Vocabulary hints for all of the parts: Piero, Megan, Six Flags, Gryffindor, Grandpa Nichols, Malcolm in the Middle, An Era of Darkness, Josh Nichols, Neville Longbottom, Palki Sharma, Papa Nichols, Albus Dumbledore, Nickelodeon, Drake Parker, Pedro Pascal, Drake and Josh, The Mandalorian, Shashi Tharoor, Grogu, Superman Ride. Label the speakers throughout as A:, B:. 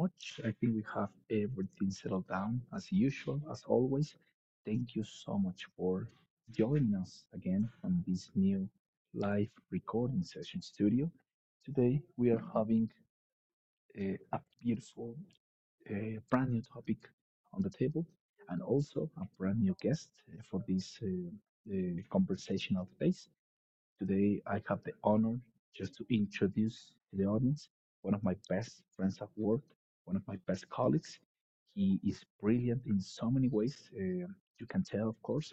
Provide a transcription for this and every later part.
A: much. I think we have everything settled down as usual, as always. Thank you so much for joining us again on this new live recording session studio. Today, we are having a beautiful, brand new topic on the table and also a brand new guest for this conversational space. Today, I have the honor just to introduce to the audience one of my best friends at work, one of my best colleagues. He is brilliant in so many ways. You can tell, of course,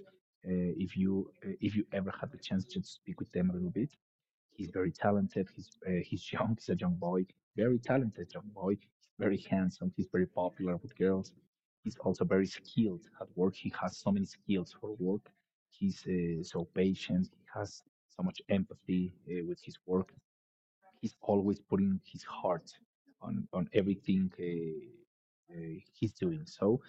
A: if you ever had the chance to speak with them a little bit. He's very talented. He's young. He's a young boy. Very talented young boy. He's very handsome. He's very popular with girls. He's also very skilled at work. He has so many skills for work. He's so patient. He has so much empathy with his work. He's always putting his heart on everything he's doing. So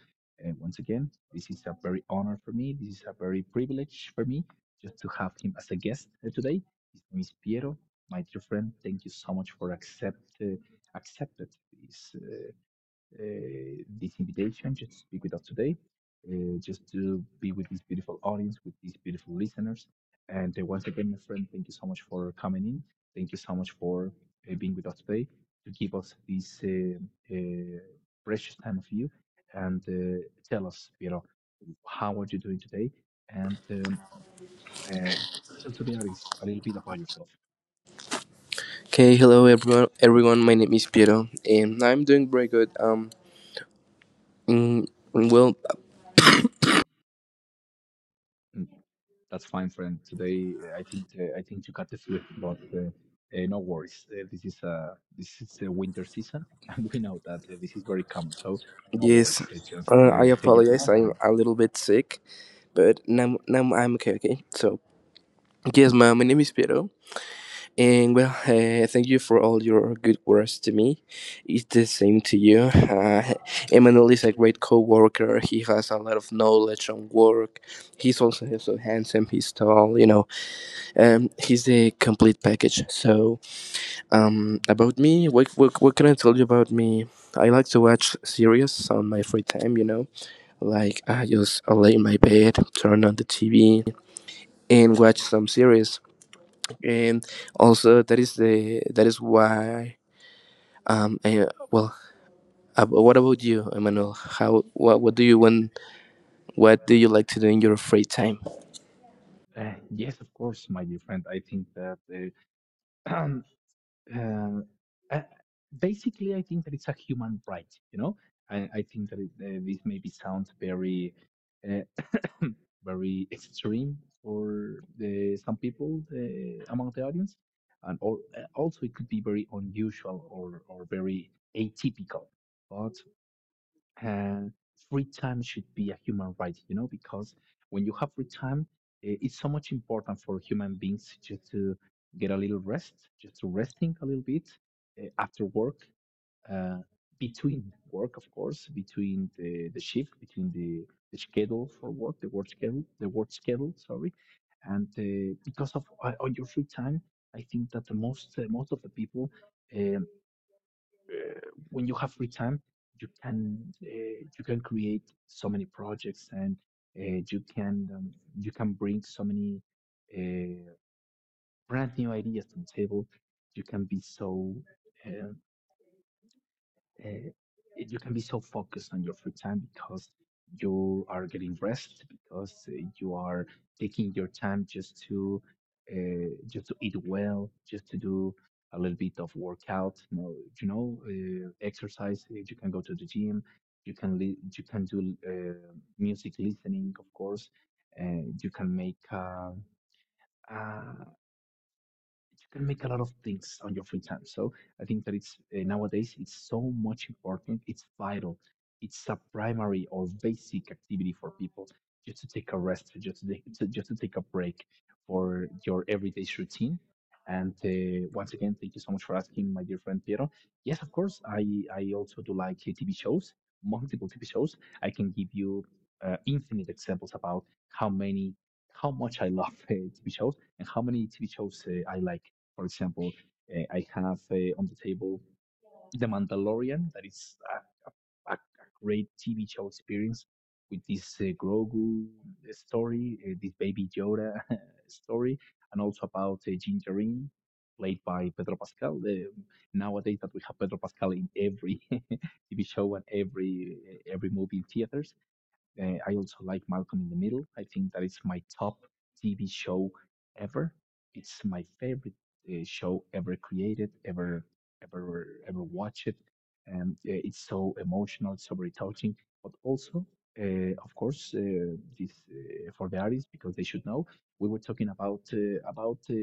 A: once again, this is a very honor for me. This is a very privilege for me just to have him as a guest today. His name is Piero, my dear friend. Thank you so much for accepted this uh, this invitation just to speak with us today, just to be with this beautiful audience, with these beautiful listeners. And once again, my friend, thank you so much for coming in. Thank you so much for being with us today to give us this uh, precious time of you, and tell us, you know, how are you doing today? And uh, tell to the audience a little bit about yourself.
B: Okay, hello everyone. My name is Piero, and I'm doing very good. Mm, well,
A: Hmm. That's fine, friend. Today, I think you got the flu, but no worries. This is this is the winter season, and we know that this is very common. So no
B: yes,
A: worries. Just
B: I
A: take your time.
B: apologize. I'm a little bit sick, but now I'm okay. Okay, so yes, my name is Piero, and well, thank you for all your good words to me. It's the same to you. Emmanuel is a great co-worker. He has a lot of knowledge on work. He's also so handsome. He's tall. He's the complete package. So. About me, what can I tell you about me? I like to watch series on my free time, you know? Like, I just lay in my bed, turn on the TV, and watch some series. And also, that is why, well, what about you, Emmanuel? How, what do you want, what do you like to do in your free time?
A: And yes, of course, my dear friend. I think that uh, um, uh, uh, basically, I think that it's a human right. You know, I think that this maybe sounds very uh, very extreme for some people among the audience, and or, also it could be very unusual or very atypical. But uh, free time should be a human right, you know, because when you have free time, it's so much important for human beings just to get a little rest, just to resting a little bit after work uh, between work, of course, between the shift, between the schedule for work, the work schedule, sorry, and because of on your free time, I think that the most most of the people, um, uh, when you have free time, you can create so many projects, and uh, you can um, you can bring so many uh, brand new ideas to the table. You can be so uh, uh, you can be so focused on your free time because you are getting rest, because you are taking your time just to eat well, just to do a little bit of workout, you know exercise. You can go to the gym. You can you can do music listening, of course. You can make a, you can make a lot of things on your free time. So I think that it's nowadays it's so much important. It's vital. It's a primary or basic activity for people just to take a rest, just to take, just to take a break for your everyday routine. And once again, thank you so much for asking, my dear friend Piero. Yes, of course, I also do like TV shows, multiple TV shows. I can give you infinite examples about how many, how much I love TV shows and how many TV shows I like. For example, I have on the table The Mandalorian, that is a great TV show experience with this Grogu story, this Baby Yoda story, and also about Gingerine, played by Pedro Pascal. Nowadays, that we have Pedro Pascal in every TV show and every movie in theaters. I also like Malcolm in the Middle. I think that is my top TV show ever. It's my favorite show ever created, ever, ever, ever watched. And it's so emotional, so very touching. But also, of course, this for the artists, because they should know. We were talking about uh, about uh,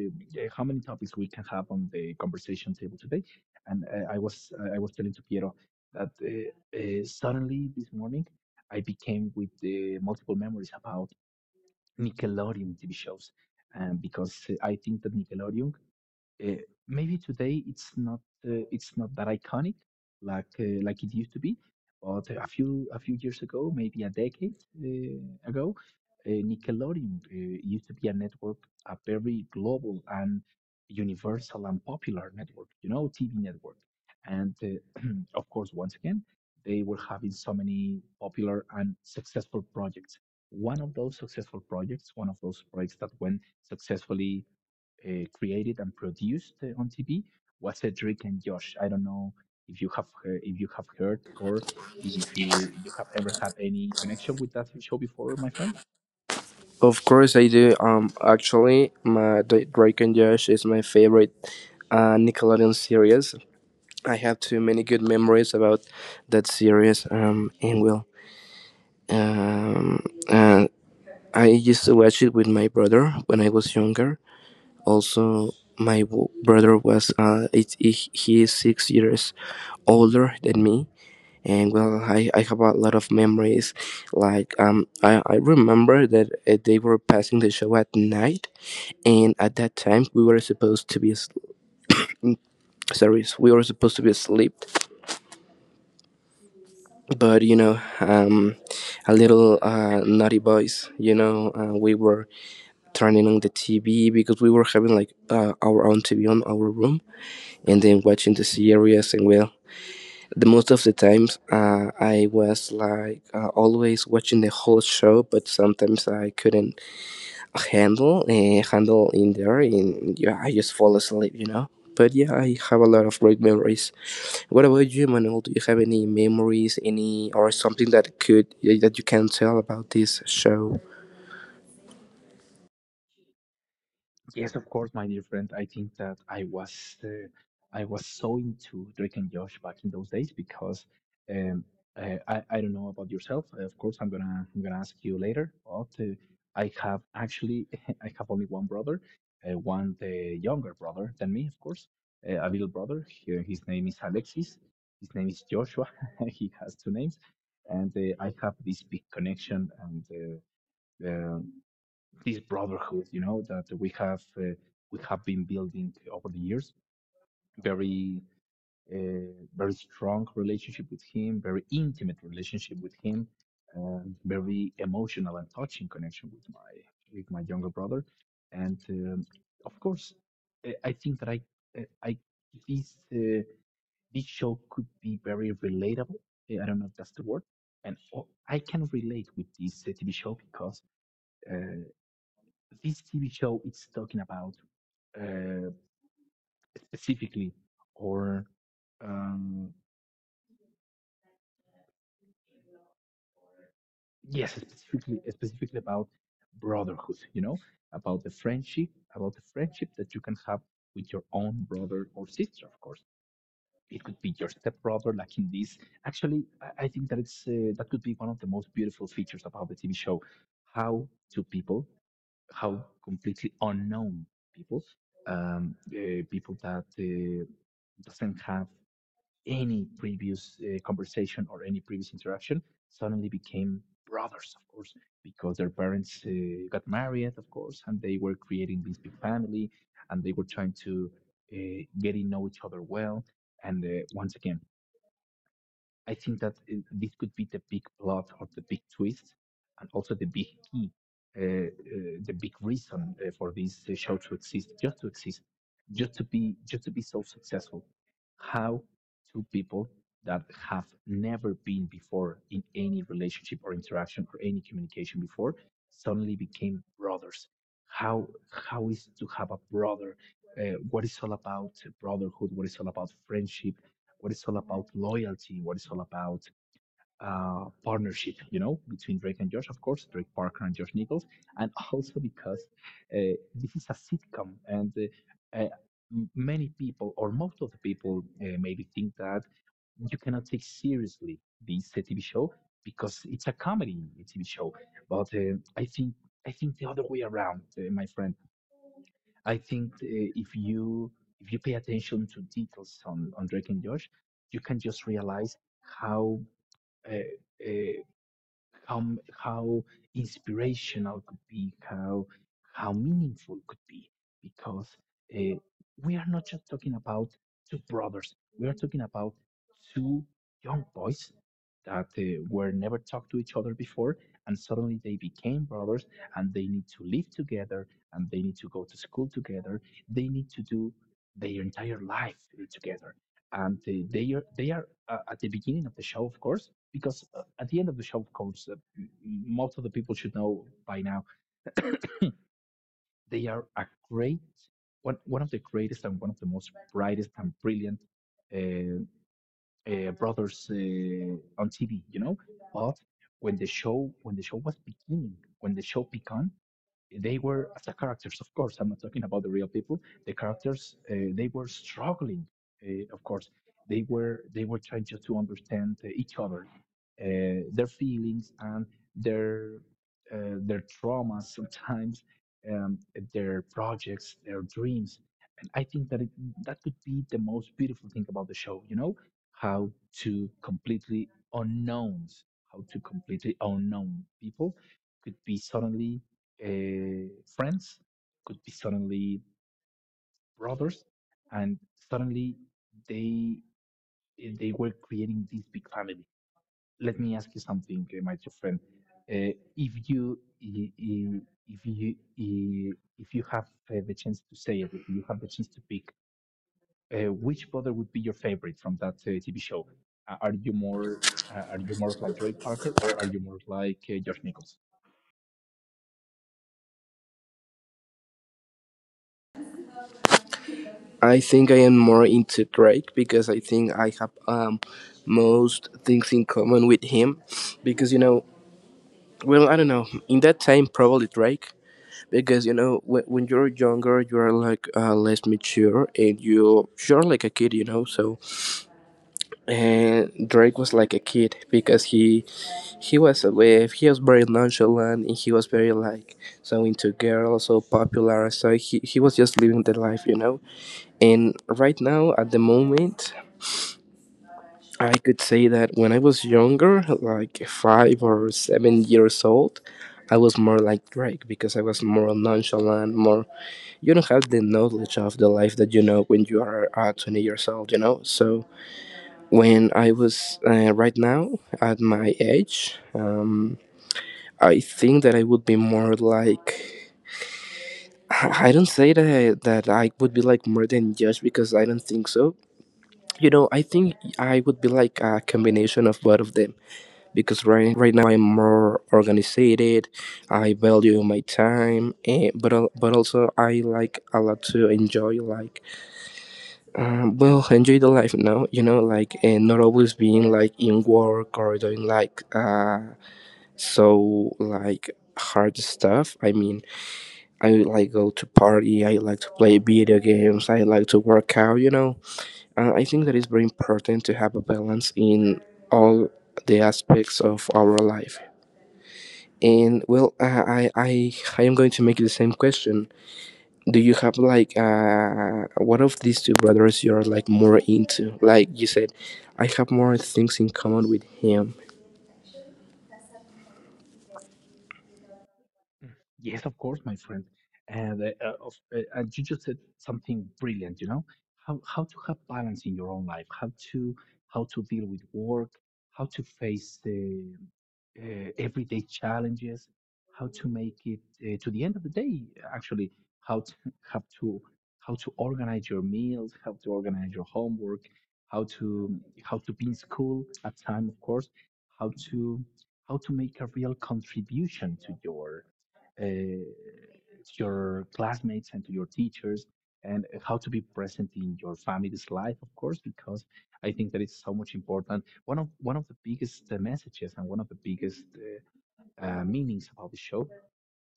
A: uh, how many topics we can have on the conversation table today, and I was telling to Piero that suddenly this morning I became with multiple memories about Nickelodeon TV shows, because I think that Nickelodeon uh, maybe today it's not that iconic like it used to be, but a few years ago, maybe a decade ago, Nickelodeon used to be a network, a very global and universal and popular network, you know, TV network, and of course, once again, they were having so many popular and successful projects. One of those successful projects, one of those projects that went successfully created and produced on TV was Cedric and Josh. I don't know if you have heard, or if you have ever had any connection with that show before, my friend.
B: Of course, I do. Actually, my Drake and Josh is my favorite Nickelodeon series. I have too many good memories about that series. And well, um, uh, I used to watch it with my brother when I was younger. Also, my brother he is 6 years older than me. And well, I have a lot of memories. Like I remember that they were passing the show at night, and at that time we were supposed to be asleep, but a little naughty boys, we were turning on the TV because we were having like our own TV on our room, and then watching the series. And well, the most of the times, I was like, always watching the whole show, but sometimes I couldn't handle in there, and yeah, I just fall asleep. But yeah, I have a lot of great memories. What about you, Manuel? Do you have any memories, any or something that you can tell about this show?
A: Yes, of course, my dear friend. I think that I was so into Drake and Josh back in those days because um, I don't know about yourself. Of course, I'm gonna ask you later. But I have, actually, I have only one brother, one the younger brother than me, of course, a little brother. His name is Alexis. His name is Joshua. He has two names, and I have this big connection and. Um, this brotherhood, you know, that we have been building over the years. Very very strong relationship with him, very intimate relationship with him, and very emotional and touching connection with my younger brother. And of course, I think that I this this show could be very relatable. I don't know if that's the word. And oh, I can relate with this TV show because uh, this TV show is talking about uh, specifically, or um, yes, specifically, specifically about brotherhood. You know, about the friendship, about the friendship that you can have with your own brother or sister. Of course, it could be your stepbrother, like in this. Actually, I think that it's that could be one of the most beautiful features about the TV show, how two people, how completely unknown people, people that doesn't have any previous conversation or any previous interaction, suddenly became brothers, of course, because their parents got married, of course, and they were creating this big family, and they were trying to getting know each other well. And once again, I think that this could be the big plot or the big twist, and also the big key, the big reason for this show to exist, just to exist, just to be, just to be so successful. How two people that have never been before in any relationship or interaction or any communication before suddenly became brothers. How is to have a brother? What is all about brotherhood? What is all about friendship? What it's all about loyalty, what it's all about partnership, you know, between Drake and Josh, of course, Drake Parker and Josh Nichols, and also because uh, this is a sitcom and many people or most of the people maybe think that you cannot take seriously this TV show because it's a comedy TV show. But I think the other way around, my friend. I think if you pay attention to details on Drake and Josh, you can just realize how uh, uh, how how inspirational could be, how meaningful could be, because uh, we are not just talking about two brothers. We are talking about two young boys that were never talked to each other before, and suddenly they became brothers, and they need to live together, and they need to go to school together. They need to do their entire life together, and they are at the beginning of the show, of course, because at the end of the shop codes, most of the people should know by now they are a great one, one of the greatest and one of the most brightest and brilliant uh, brothers on TV. You know, but when the show was beginning, when the show began, they were as the characters, of course. I'm not talking about the real people, the characters. They were struggling, of course. They were trying just to understand each other, their feelings and their their traumas sometimes, um, their projects, their dreams. And I think that it, that could be the most beautiful thing about the show, you know, how to completely unknowns, how to completely unknown people could be suddenly uh, friends, could be suddenly brothers, and suddenly they they were creating this big family. Let me ask you something, my dear friend. Uh, if you i- i- if you i- if you have the chance to say it, if you have the chance to pick, which brother would be your favorite from that TV show? Uh, are you more are you more of like Drake Parker, or are you more of like Josh Nichols?
B: I think I am more into Drake because I think I have most things in common with him because well, I don't know. In that time, probably Drake, because when you're younger, you are like, less mature, and you're like a kid, so. And Drake was like a kid because he was very nonchalant, and he was very like, so into girls, so popular, so he was just living the life, and right now at the moment. I could say that when I was younger, like 5 or 7 years old, I was more like Drake because I was more nonchalant, more. You don't have the knowledge of the life that you know when you are, 20 years old. When I was right now at my age, I think that I would be more like, I don't say that that I would be like more than judge, because I don't think so. I think I would be like a combination of both of them, because right now I'm more organized. I value my time, but also I like a lot to enjoy like well enjoy the life now. And not always being like in work or doing like, so like hard stuff. I mean, I like go to party. I like to play video games. I like to work out. I think that it's very important to have a balance in all the aspects of our life. And well, I am going to make you the same question. Do you have like, what of these two brothers you are like more into? Like you said, I have more things in common with him.
A: Mm. Yes, of course, my friend. And you just said something brilliant, you know, how to have balance in your own life, how to deal with work, how to face everyday challenges, how to make it to the end of the day. Actually, how to have to how to organize your meals, how to organize your homework, how to be in school at time, of course, how to make a real contribution to your classmates and to your teachers. And how to be present in your family's life, of course, because I think that it's so much important. One of the biggest messages and one of the biggest meanings about the show,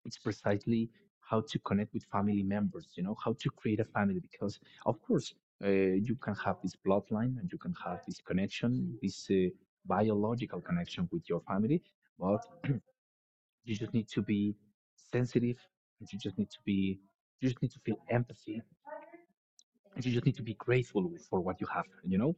A: it's precisely how to connect with family members, you know, how to create a family. Because of course you can have this bloodline and you can have this connection, this biological connection with your family, but you just need to be sensitive and you just need to be, you just need to feel empathy and you just need to be grateful for what you have. You know,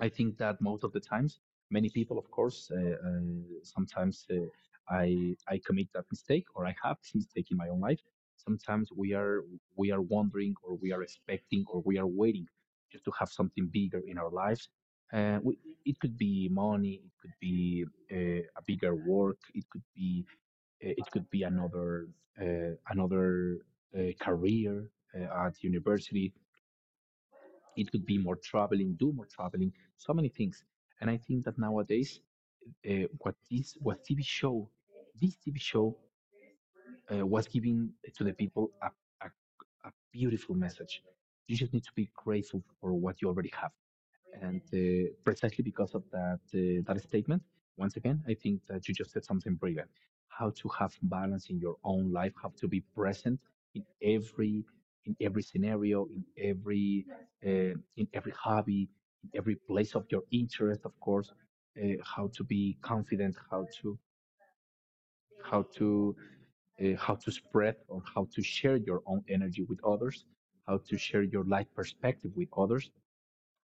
A: I think that most of the times, many people, of course, sometimes I commit that mistake or I have this mistake in my own life. Sometimes we are wondering, or we are expecting, or we are waiting just to have something bigger in our lives. Uh, we, it could be money, it could be a bigger work, it could be another another career at university, it could be more traveling, do more traveling, so many things. And I think that nowadays, what this what TV show, this TV show was giving to the people a, a beautiful message. You just need to be grateful for what you already have. And precisely because of that, that statement, once again, I think that you just said something brilliant. How to have balance in your own life, how to be present in every scenario, in every hobby, in every place of your interest, of course. How to be confident, how to how to how to spread or how to share your own energy with others, how to share your life perspective with others.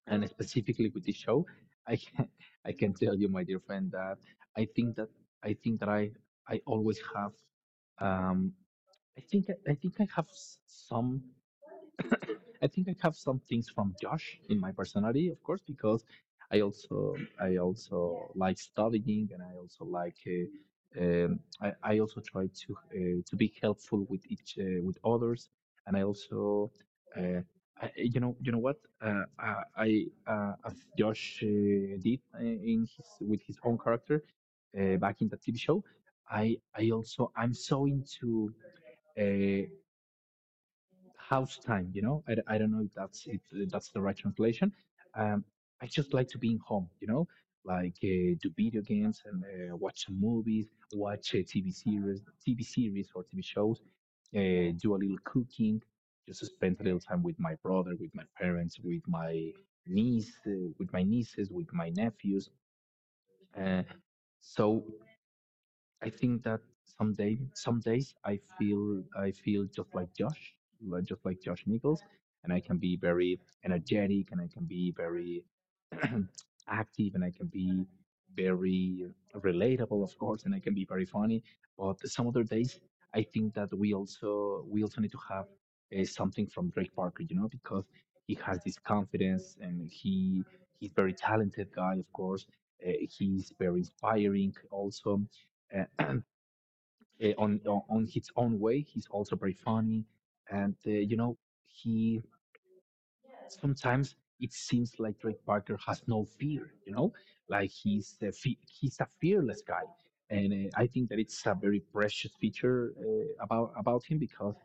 A: And specifically with this show, I can I can tell you, my dear friend, that I think that I think that I I always have, um I think I have some, I think I have some things from Josh in my personality, of course, because I also like studying, and I also like I also try to be helpful with each with others, and I also uh, you know what, I as Josh did in his with his own character back in the TV show. I'm so into uh, house time. You know, I don't know if that's the right translation. Um, I just like to be in home. You know, like do video games and watch some movies, watch TV series, TV series or TV shows, do a little cooking, just spend a little time with my brother, with my parents, with my niece, with my nieces, with my nephews. Uh, so I think that someday, some days I feel just like Josh, just like Josh Nichols, and I can be very energetic, and I can be very active, and I can be very relatable, of course, and I can be very funny. But some other days, I think that we also need to have something from Drake Parker, you know, because he has this confidence, and he's very talented guy, of course. Uh, he's very inspiring, also uh, on his own way. He's also very funny, and you know, he sometimes it seems like Drake Parker has no fear, you know, like he's a fearless guy, and I think that it's a very precious feature about him, because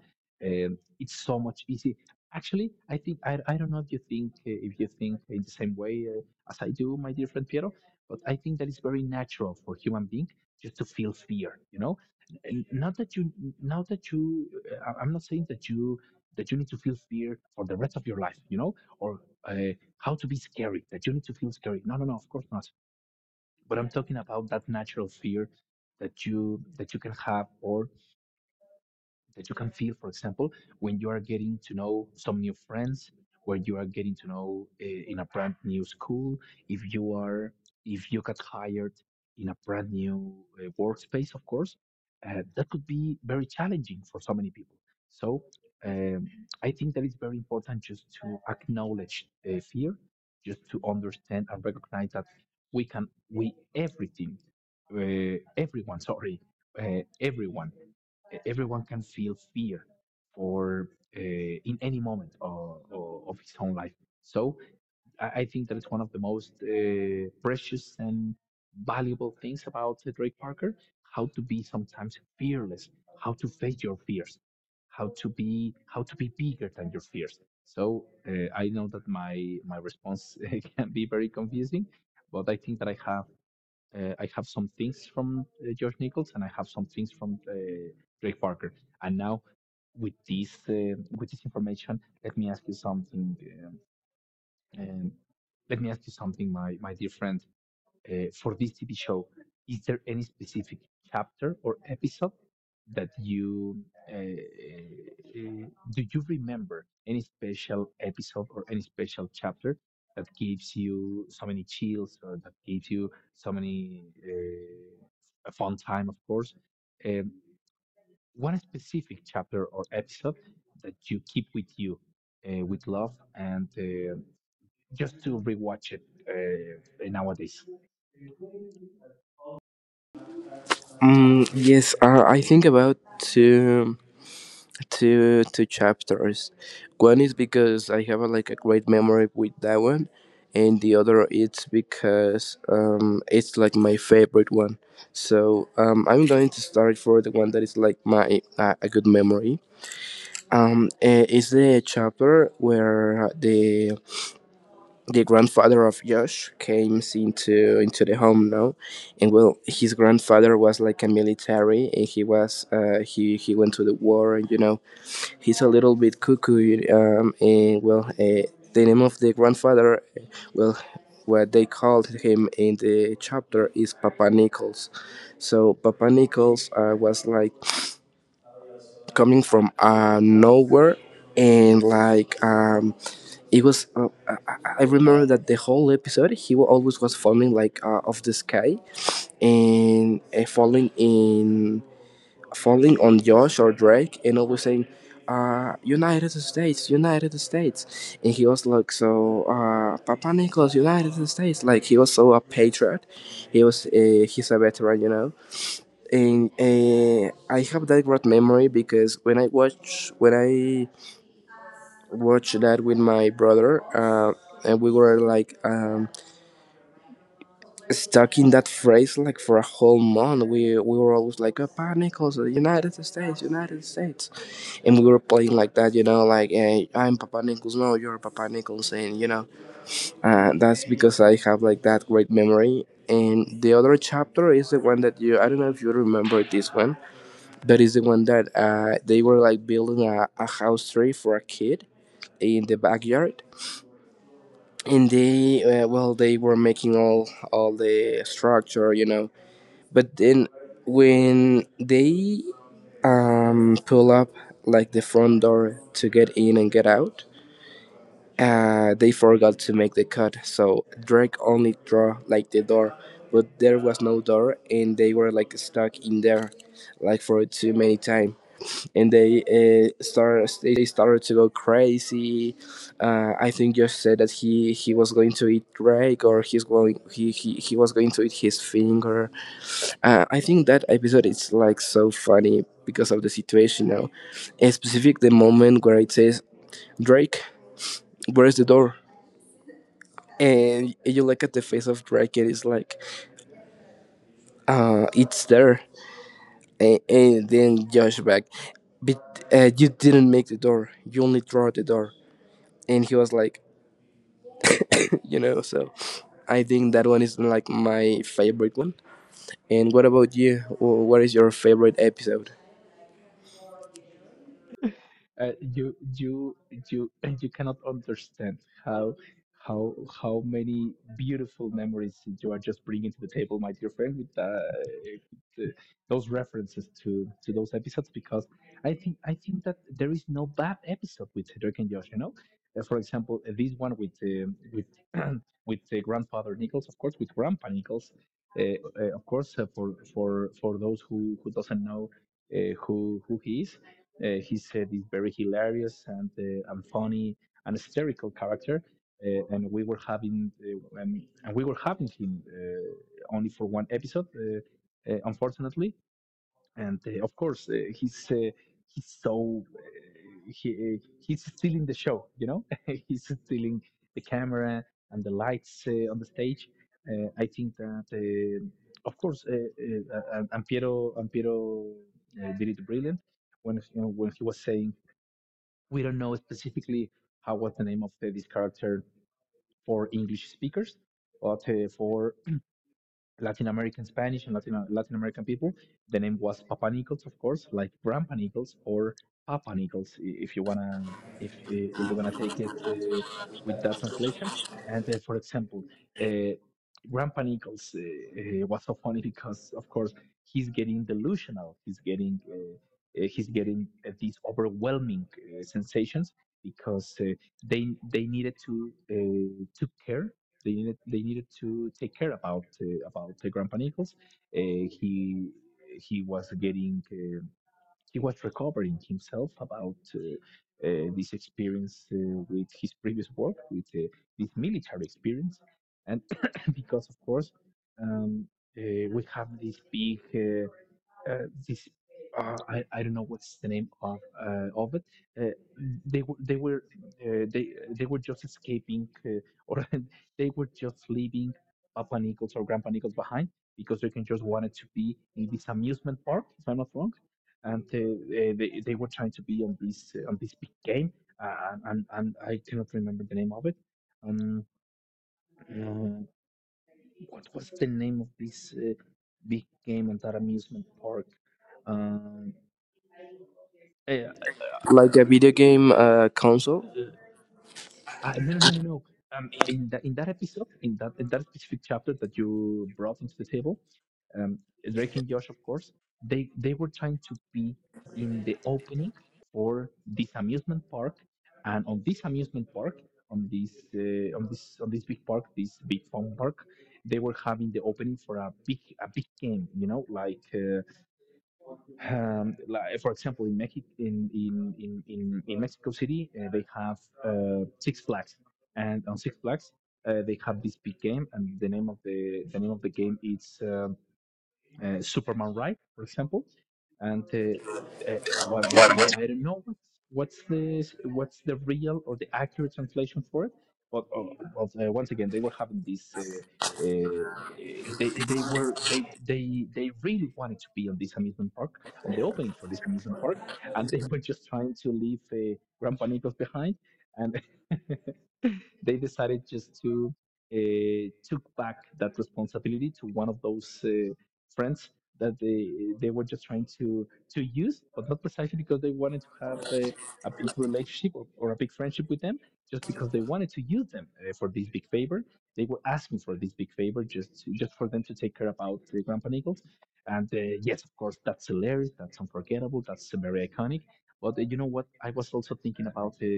A: it's so much easy. Actually, I think I don't know if you think in the same way as I do, my dear friend Piero, but I think that it's very natural for human being just to feel fear, you know. And not that you, not that you, I'm not saying that you need to feel fear for the rest of your life, you know, or uh, how to be scary, that you need to feel scary. No, no, no, of course not. But I'm talking about that natural fear that you can have, or that you can feel, for example, when you are getting to know some new friends, where you are getting to know in a brand new school, if you are, if you got hired in a brand new workspace, of course, that could be very challenging for so many people. So um, I think that it's very important just to acknowledge fear, just to understand and recognize that we can, we everything, everyone, sorry, uh, everyone everyone can feel fear for uh, in any moment of his own life. So I think that it's one of the most precious and valuable things about Drake Parker: how to be sometimes fearless, how to face your fears, how to be bigger than your fears. So I know that my response can be very confusing, but I think that I have some things from Josh Nichols, and I have some things from Drake Parker. And now with this information, let me ask you something. Um, my dear friend, for this TV show, is there any specific chapter or episode that you uh, uh, do you remember any special episode or any special chapter that gives you so many chills, or that gives you so many a fun time, of course? Um, One specific chapter or episode that you keep with you with love, and just to rewatch it nowadays.
B: Mm, yes, I think about two chapters. One is because I have like a great memory with that one, and the other it's because it's like my favorite one. So I'm going to start for the one that is like my a good memory. It's the chapter where the grandfather of Josh came into the home now. And well, his grandfather was like a military, and he was he went to the war, and he's a little bit cuckoo, and well, the name of the grandfather, well, what they called him in the chapter is Papa Nichols. So Papa Nichols, was like coming from, nowhere, and like, it was I, remember that the whole episode he always was falling, like, off the sky, and falling on Josh or Drake, and always saying, United States, United States. And he was like, so, Papa Nicholas, United States. Like, he was so a patriot. He's a veteran. And I have that great memory because when I watched that with my brother, and we were like, stuck in that phrase like for a whole month. We were always like, "Papa Nichols, United States, United States." And we were playing like that, like, I'm Papa Nichols, no, you're Papa Nichols, and that's because I have like that great memory. And the other chapter is the one that you I don't know if you remember this one, but it's the one that, they were like building a house tree for a kid in the backyard. And well, they were making all the structure. But then when they, pull up like the front door to get in and get out, they forgot to make the cut, so Drake only draw like the door, but there was no door, and they were like stuck in there, like for too many time, and they started to go crazy. I think Josh said that he was going to eat Drake, or he was going to eat his finger. I think that episode is like so funny because of the situation now, and specific the moment where it says, "Drake, where's the door?" And you look at the face of Brackett, it's like, it's there. And then Josh back, but, you didn't make the door. You only draw the door. And he was like, so I think that one is like my favorite one. And what about you? What is your favorite episode?
A: uh, you you you and you cannot understand how how many beautiful memories you are just bringing to the table, my dear friend, with the, those references to those episodes. Because I think that there is no bad episode with Drake and Josh. You know, for example, this one with with grandfather Nichols, of course, with Grandpa Nichols. Uh, of course, for for those who doesn't know uh, who who he is. He said he's very hilarious, and funny and hysterical character. And we were having and we were having him only for one episode, unfortunately. And of course, he's so he's stealing the show, you know, he's stealing the camera and the lights on the stage. I think that of course and Piero, did it brilliant when, you know, when he was saying we don't know specifically how was the name of this character for English speakers. But for Latin American Spanish and Latin American people, the name was Papa Nichols, of course, like Grandpa Nichols or Papa Nichols, if you wanna take it with that translation. And for example, uh, Grandpa Nichols was so funny because, of course, he's getting delusional. He's getting these overwhelming sensations because they they needed to took care they needed to take care about the Grandpa Nichols. Uh, he he was getting he was recovering himself about this experience with his previous work with this military experience, and because of course um, we have this big, this I don't know what's the name of it. Uh, they were they were they were just escaping, or they were just leaving Papa Nichols or Grandpa Nichols behind because they can just wanted to be in this amusement park, if I'm not wrong. And they were trying to be on this big game, and I cannot remember the name of it. Um, uh, what was the name of this big game at that amusement park? Um, yeah, uh,
B: Like a video game, console?
A: no. In that episode, in that specific chapter that you brought into the table, um, Drake and Josh, of course, they were trying to be in the opening for this amusement park, and on this amusement park, on this big park, this big fun park, they were having the opening for a big, game, you know, like. Like, for example, in in Mexico City, they have Six Flags, and on Six Flags, they have this big game, and the name of the name of the game is Superman Ride, for example. And once again, I don't know what's the what's the real or the accurate translation for it. But once again, they were having this. Uh, they they really wanted to be on this amusement park, on the opening for this amusement park, and they were just trying to leave Gran Panitos behind, and they decided just to took back that responsibility to one of those friends that they were just trying to use, but not precisely because they wanted to have a big relationship or a big friendship with them, just because they wanted to use them for this big favor. They were asking for this big favor just to, just for them to take care about the Grandpa Nichols. And yes, of course, that's hilarious. That's unforgettable. That's very iconic. But you know what? I was also thinking about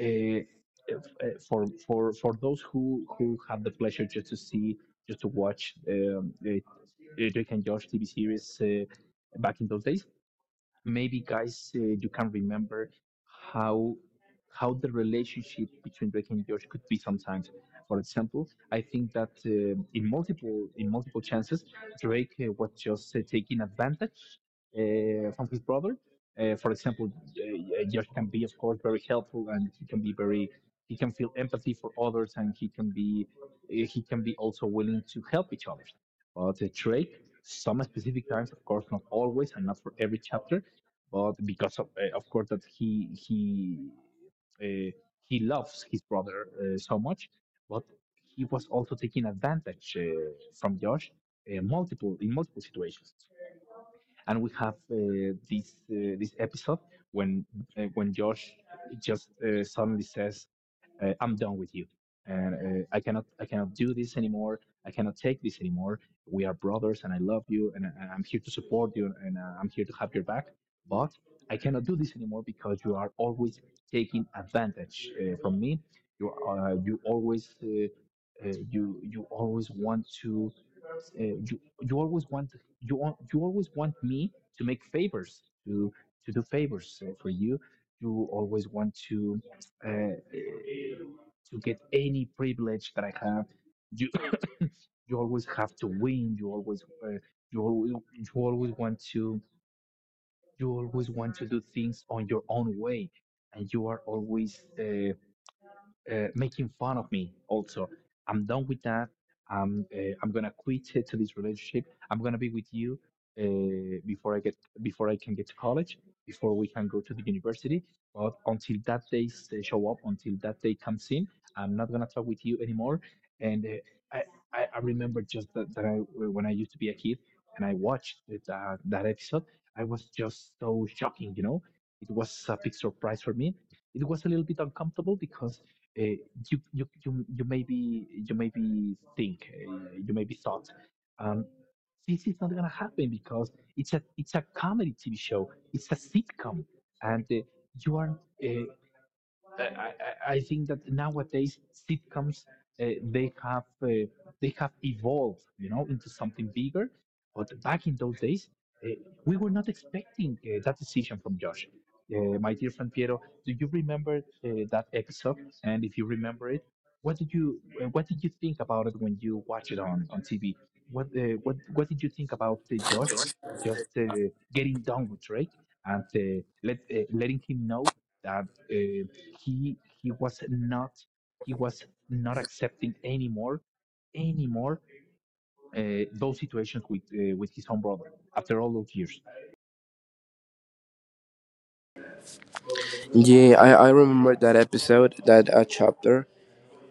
A: uh, for those who had the pleasure just to see, just to watch, the Drake and Josh TV series back in those days. Maybe, guys, you can remember how the relationship between Drake and George could be sometimes. For example, I think that in multiple, chances, Drake was just taking advantage from his brother. For example, George can be, of course, very helpful, and he can be very, he can feel empathy for others, and he can be also willing to help each other. But Drake, some specific times, of course, not always, and not for every chapter, but because of course that uh, he loves his brother so much, but he was also taking advantage from Josh multiple in multiple situations. And we have this episode when, when Josh just suddenly says, "I'm done with you, and I cannot do this anymore. I cannot take this anymore. We are brothers, and I love you, and, I- I'm here to support you, and I'm here to have your back. But I cannot do this anymore because you are always taking advantage from me. You always." You always want to you, always want, you always want me to make favors, to do favors for you. You always want uh, uh, to get any privilege that I have. You you always have to win. You always, you always want to, you always want to do things on your own way, and you are always making fun of me also. I'm done with that. I'm gonna quit it to this relationship. I'm gonna be with you before I get, before I can get to college, before we can go to the university. But until that day show up, until that day comes in, I'm not gonna talk with you anymore." And I remember just that, that I when I used to be a kid and I watched that episode, I was just so shocking, you know. It was a big surprise for me. It was a little bit uncomfortable because uh, you maybe think you maybe thought, um, this is not gonna happen because it's a, comedy TV show, it's a sitcom. And you are uh, I think that nowadays sitcoms, uh, they have uh, they have evolved, you know, into something bigger. But back in those days, uh, we were not expecting that decision from Josh. My dear friend Piero, do you remember that episode? And if you remember it, what did you think about it when you watch it on TV? What what did you think about Josh just getting down with Drake and letting him know that uh, he he was not, he was not accepting anymore, anymore those situations with his own brother after all those years?
B: Yeah, I remember that episode, that chapter.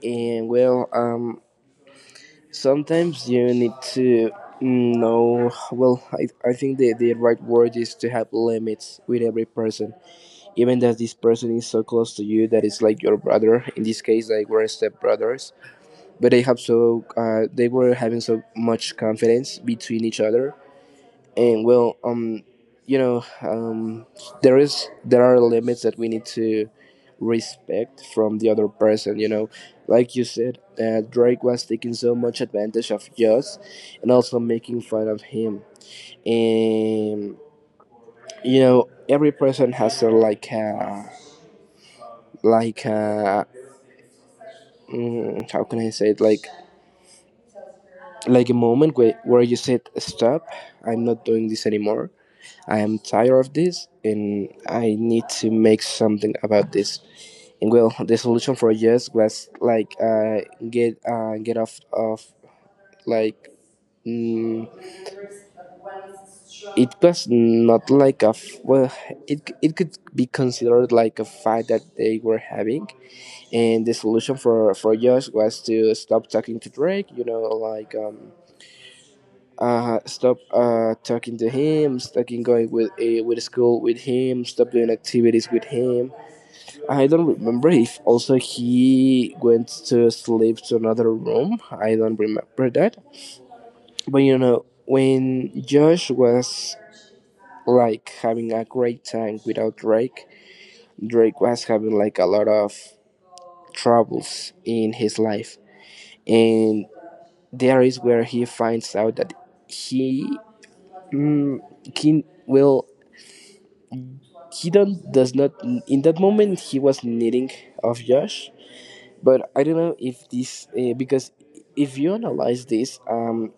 B: And well, sometimes you need to know. Well, I think the right word is to have limits with every person, even that this person is so close to you that it's like your brother. In this case, they were step brothers, but they have so they were having so much confidence between each other. And well, you know um there are limits that we need to respect from the other person. Like you said, Drake was taking so much advantage of us, and also making fun of him, and every person has a like a like a mm, how can I say it, like a moment where you said, stop, I'm not doing this anymore, I am tired of this, and I need to make something about this. And well, the solution for Yes was like, get, get off of, like, mm, it was not like well, it could be considered like a fight that they were having, and the solution for Josh was to stop talking to Drake. Like, stop, talking to him. Stop going with school with him, stop doing activities with him. I don't remember if also he went to sleep to another room. I don't remember that. But when Josh was like having a great time without Drake, Drake was having like a lot of troubles in his life, and there is where he finds out that he mm, he will, he don't, does not. In that moment he was needing of Josh, but I don't know if this, because if you analyze this,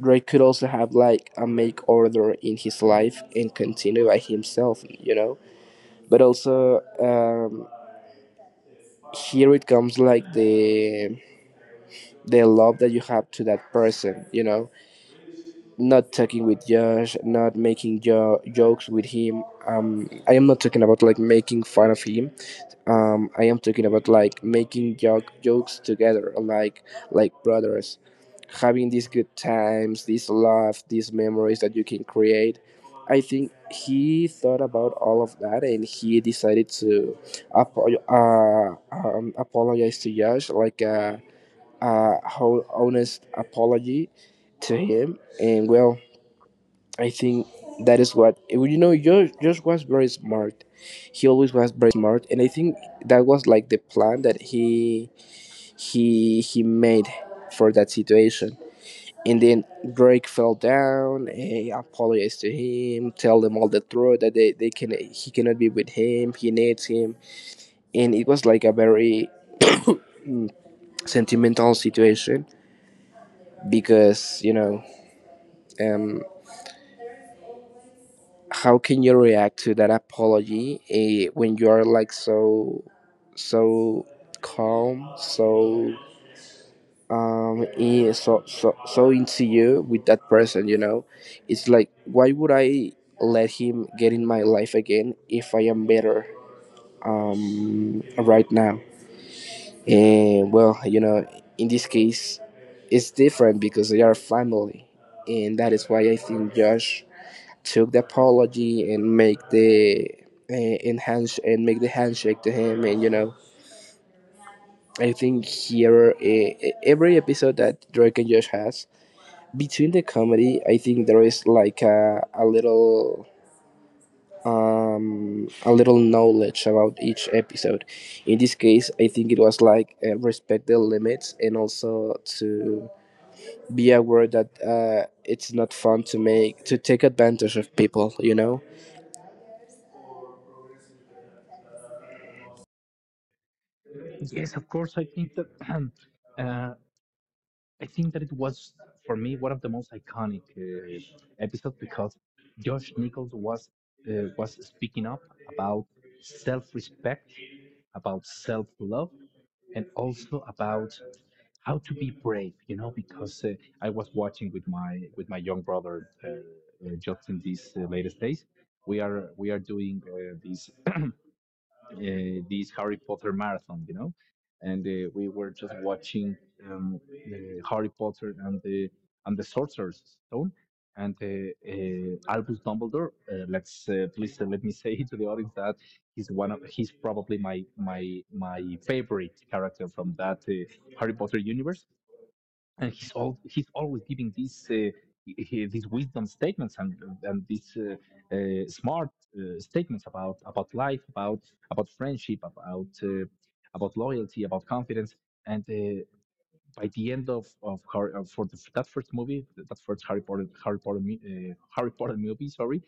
B: Ray could also have like, a, make order in his life and continue by himself. But also, here it comes like the love that you have to that person, not talking with Josh, not making jokes with him. I am not talking about like making fun of him, I am talking about like making jokes together, like brothers, having these good times, these love, these memories that you can create. I think he thought about all of that, and he decided to apologize to Josh, like a whole honest apology to him. And well, I think that is what, well, Josh was very smart. He always was very smart, and I think that was like the plan that he made for that situation. And then Drake fell down, apologized to him, tell them all the truth that they can he cannot be with him, he needs him, and it was like a very sentimental situation, because um. How can you react to that apology, when you are like so calm, so into you with that person, it's like, why would I let him get in my life again if I am better right now? And well, in this case it's different because they are family, and that is why I think Josh took the apology, and make the enhance and make the handshake to him. And I think here, every episode that Drake and Josh has between the comedy, I think there is like a little knowledge about each episode. In this case, I think it was like, respect the limits, and also to be aware that it's not fun to take advantage of people.
A: Yes, of course. I think that uh, I think that it was for me one of the most iconic episodes because Josh Nichols was speaking up about self-respect, about self-love, and also about how to be brave. You know, because I was watching with my, young brother, just in these latest days. We are, doing these this Harry Potter marathon, you know. And we were just watching, um, Harry Potter and the, Sorcerer's Stone. And Albus Dumbledore, let's please let me say to the audience that he's one of, he's probably my, favorite character from that Harry Potter universe. And he's all he's always giving these he- these wisdom statements and these smart statements about, life, about, friendship, about loyalty, about confidence. And by the end of for the, that first movie, that first Harry Potter Harry Potter movie, sorry,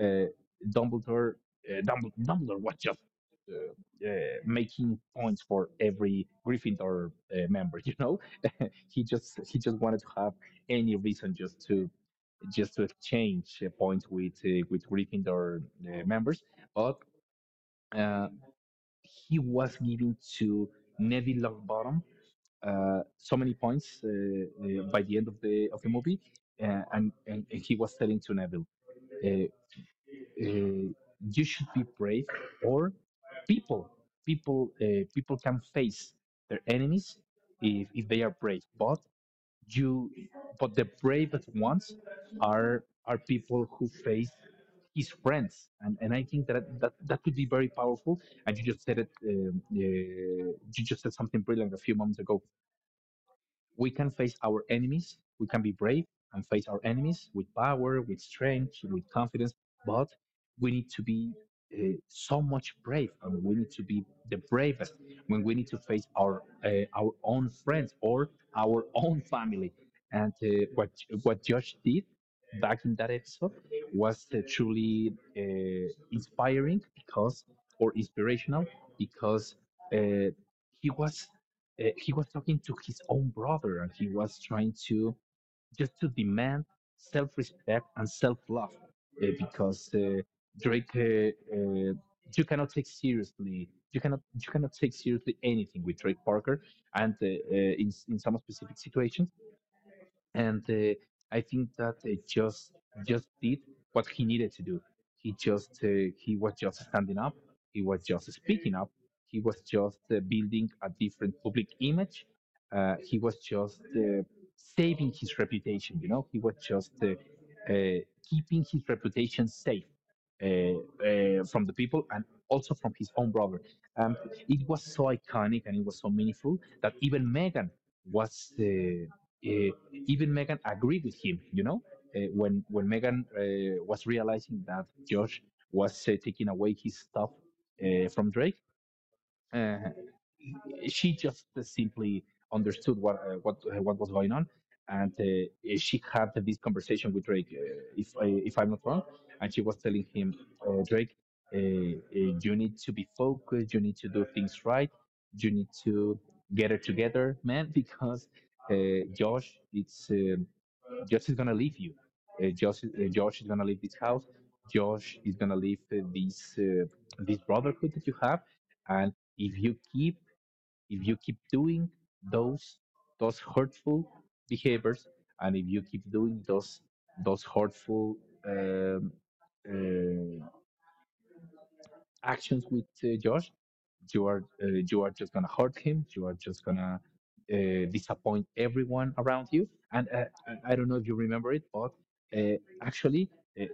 A: uh, Dumbledore, Dumbledore was just uh, uh, making points for every Gryffindor member. You know, he just, wanted to have any reason just to, just to exchange points with Gryffindor members. But uh, he was giving to Neville Longbottom so many points by the end of the movie. And and he was telling to Neville, Uh, uh, "You should be brave, or people people, people can face their enemies if they are brave. But you, but the bravest ones are people who face his friends." And I think that that could be very powerful. And you just said it, you just said something brilliant a few moments ago. We can face our enemies. We can be brave and face our enemies with power, with strength, with confidence. But we need to be so much brave, and we need to be the bravest when we need to face our own friends or our own family. And what Josh did back in that episode was truly inspiring, because, or inspirational, because uh, he was he was talking to his own brother, and he was trying to just to demand self-respect and self-love. Because drake uh, you cannot take seriously, you cannot take seriously anything with Drake Parker. And in some specific situations. And I think that just did what he needed to do. He just he was just standing up. He was just speaking up. He was just building a different public image. He was just saving his reputation. You know, he was just uh, keeping his reputation safe from the people and also from his own brother. Um, it was so iconic and it was so meaningful that even Megan was uh, even Megan agreed with him. You know, when Megan was realizing that Josh was taking away his stuff from Drake, uh, she just simply understood what was going on. And she had this conversation with Drake, if I'm not wrong, and she was telling him, "Drake, uh, uh, you need to be focused, you need to do things right, you need to get it together, man, because Josh, it's, Josh is gonna leave you. Josh is gonna leave this house. Josh is gonna leave this brotherhood that you have. And if you keep, doing those, hurtful behaviors, and if you keep doing those, hurtful um, uh, actions with Josh, you are, you are just gonna hurt him. You are just gonna disappoint everyone around you." And I don't know if you remember it, but uh, actually, uh,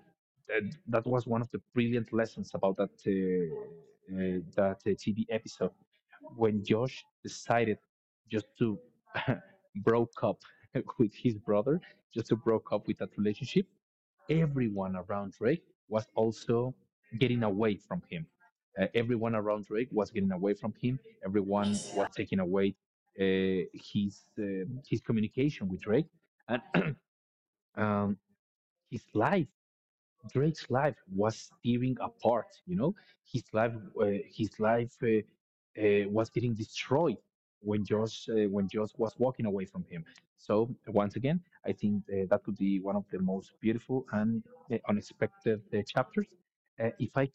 A: that, that was one of the brilliant lessons about that TV episode. When Josh decided just to broke up with his brother, just to broke up with that relationship, everyone around Drake was also getting away from him. Everyone around Drake was getting away from him. Everyone was taking away his communication with Drake. And um, his life, Drake's life, was tearing apart. You know, his life, his life was getting destroyed when Josh was walking away from him. So once again, I think that could be one of the most beautiful and unexpected chapters. If I can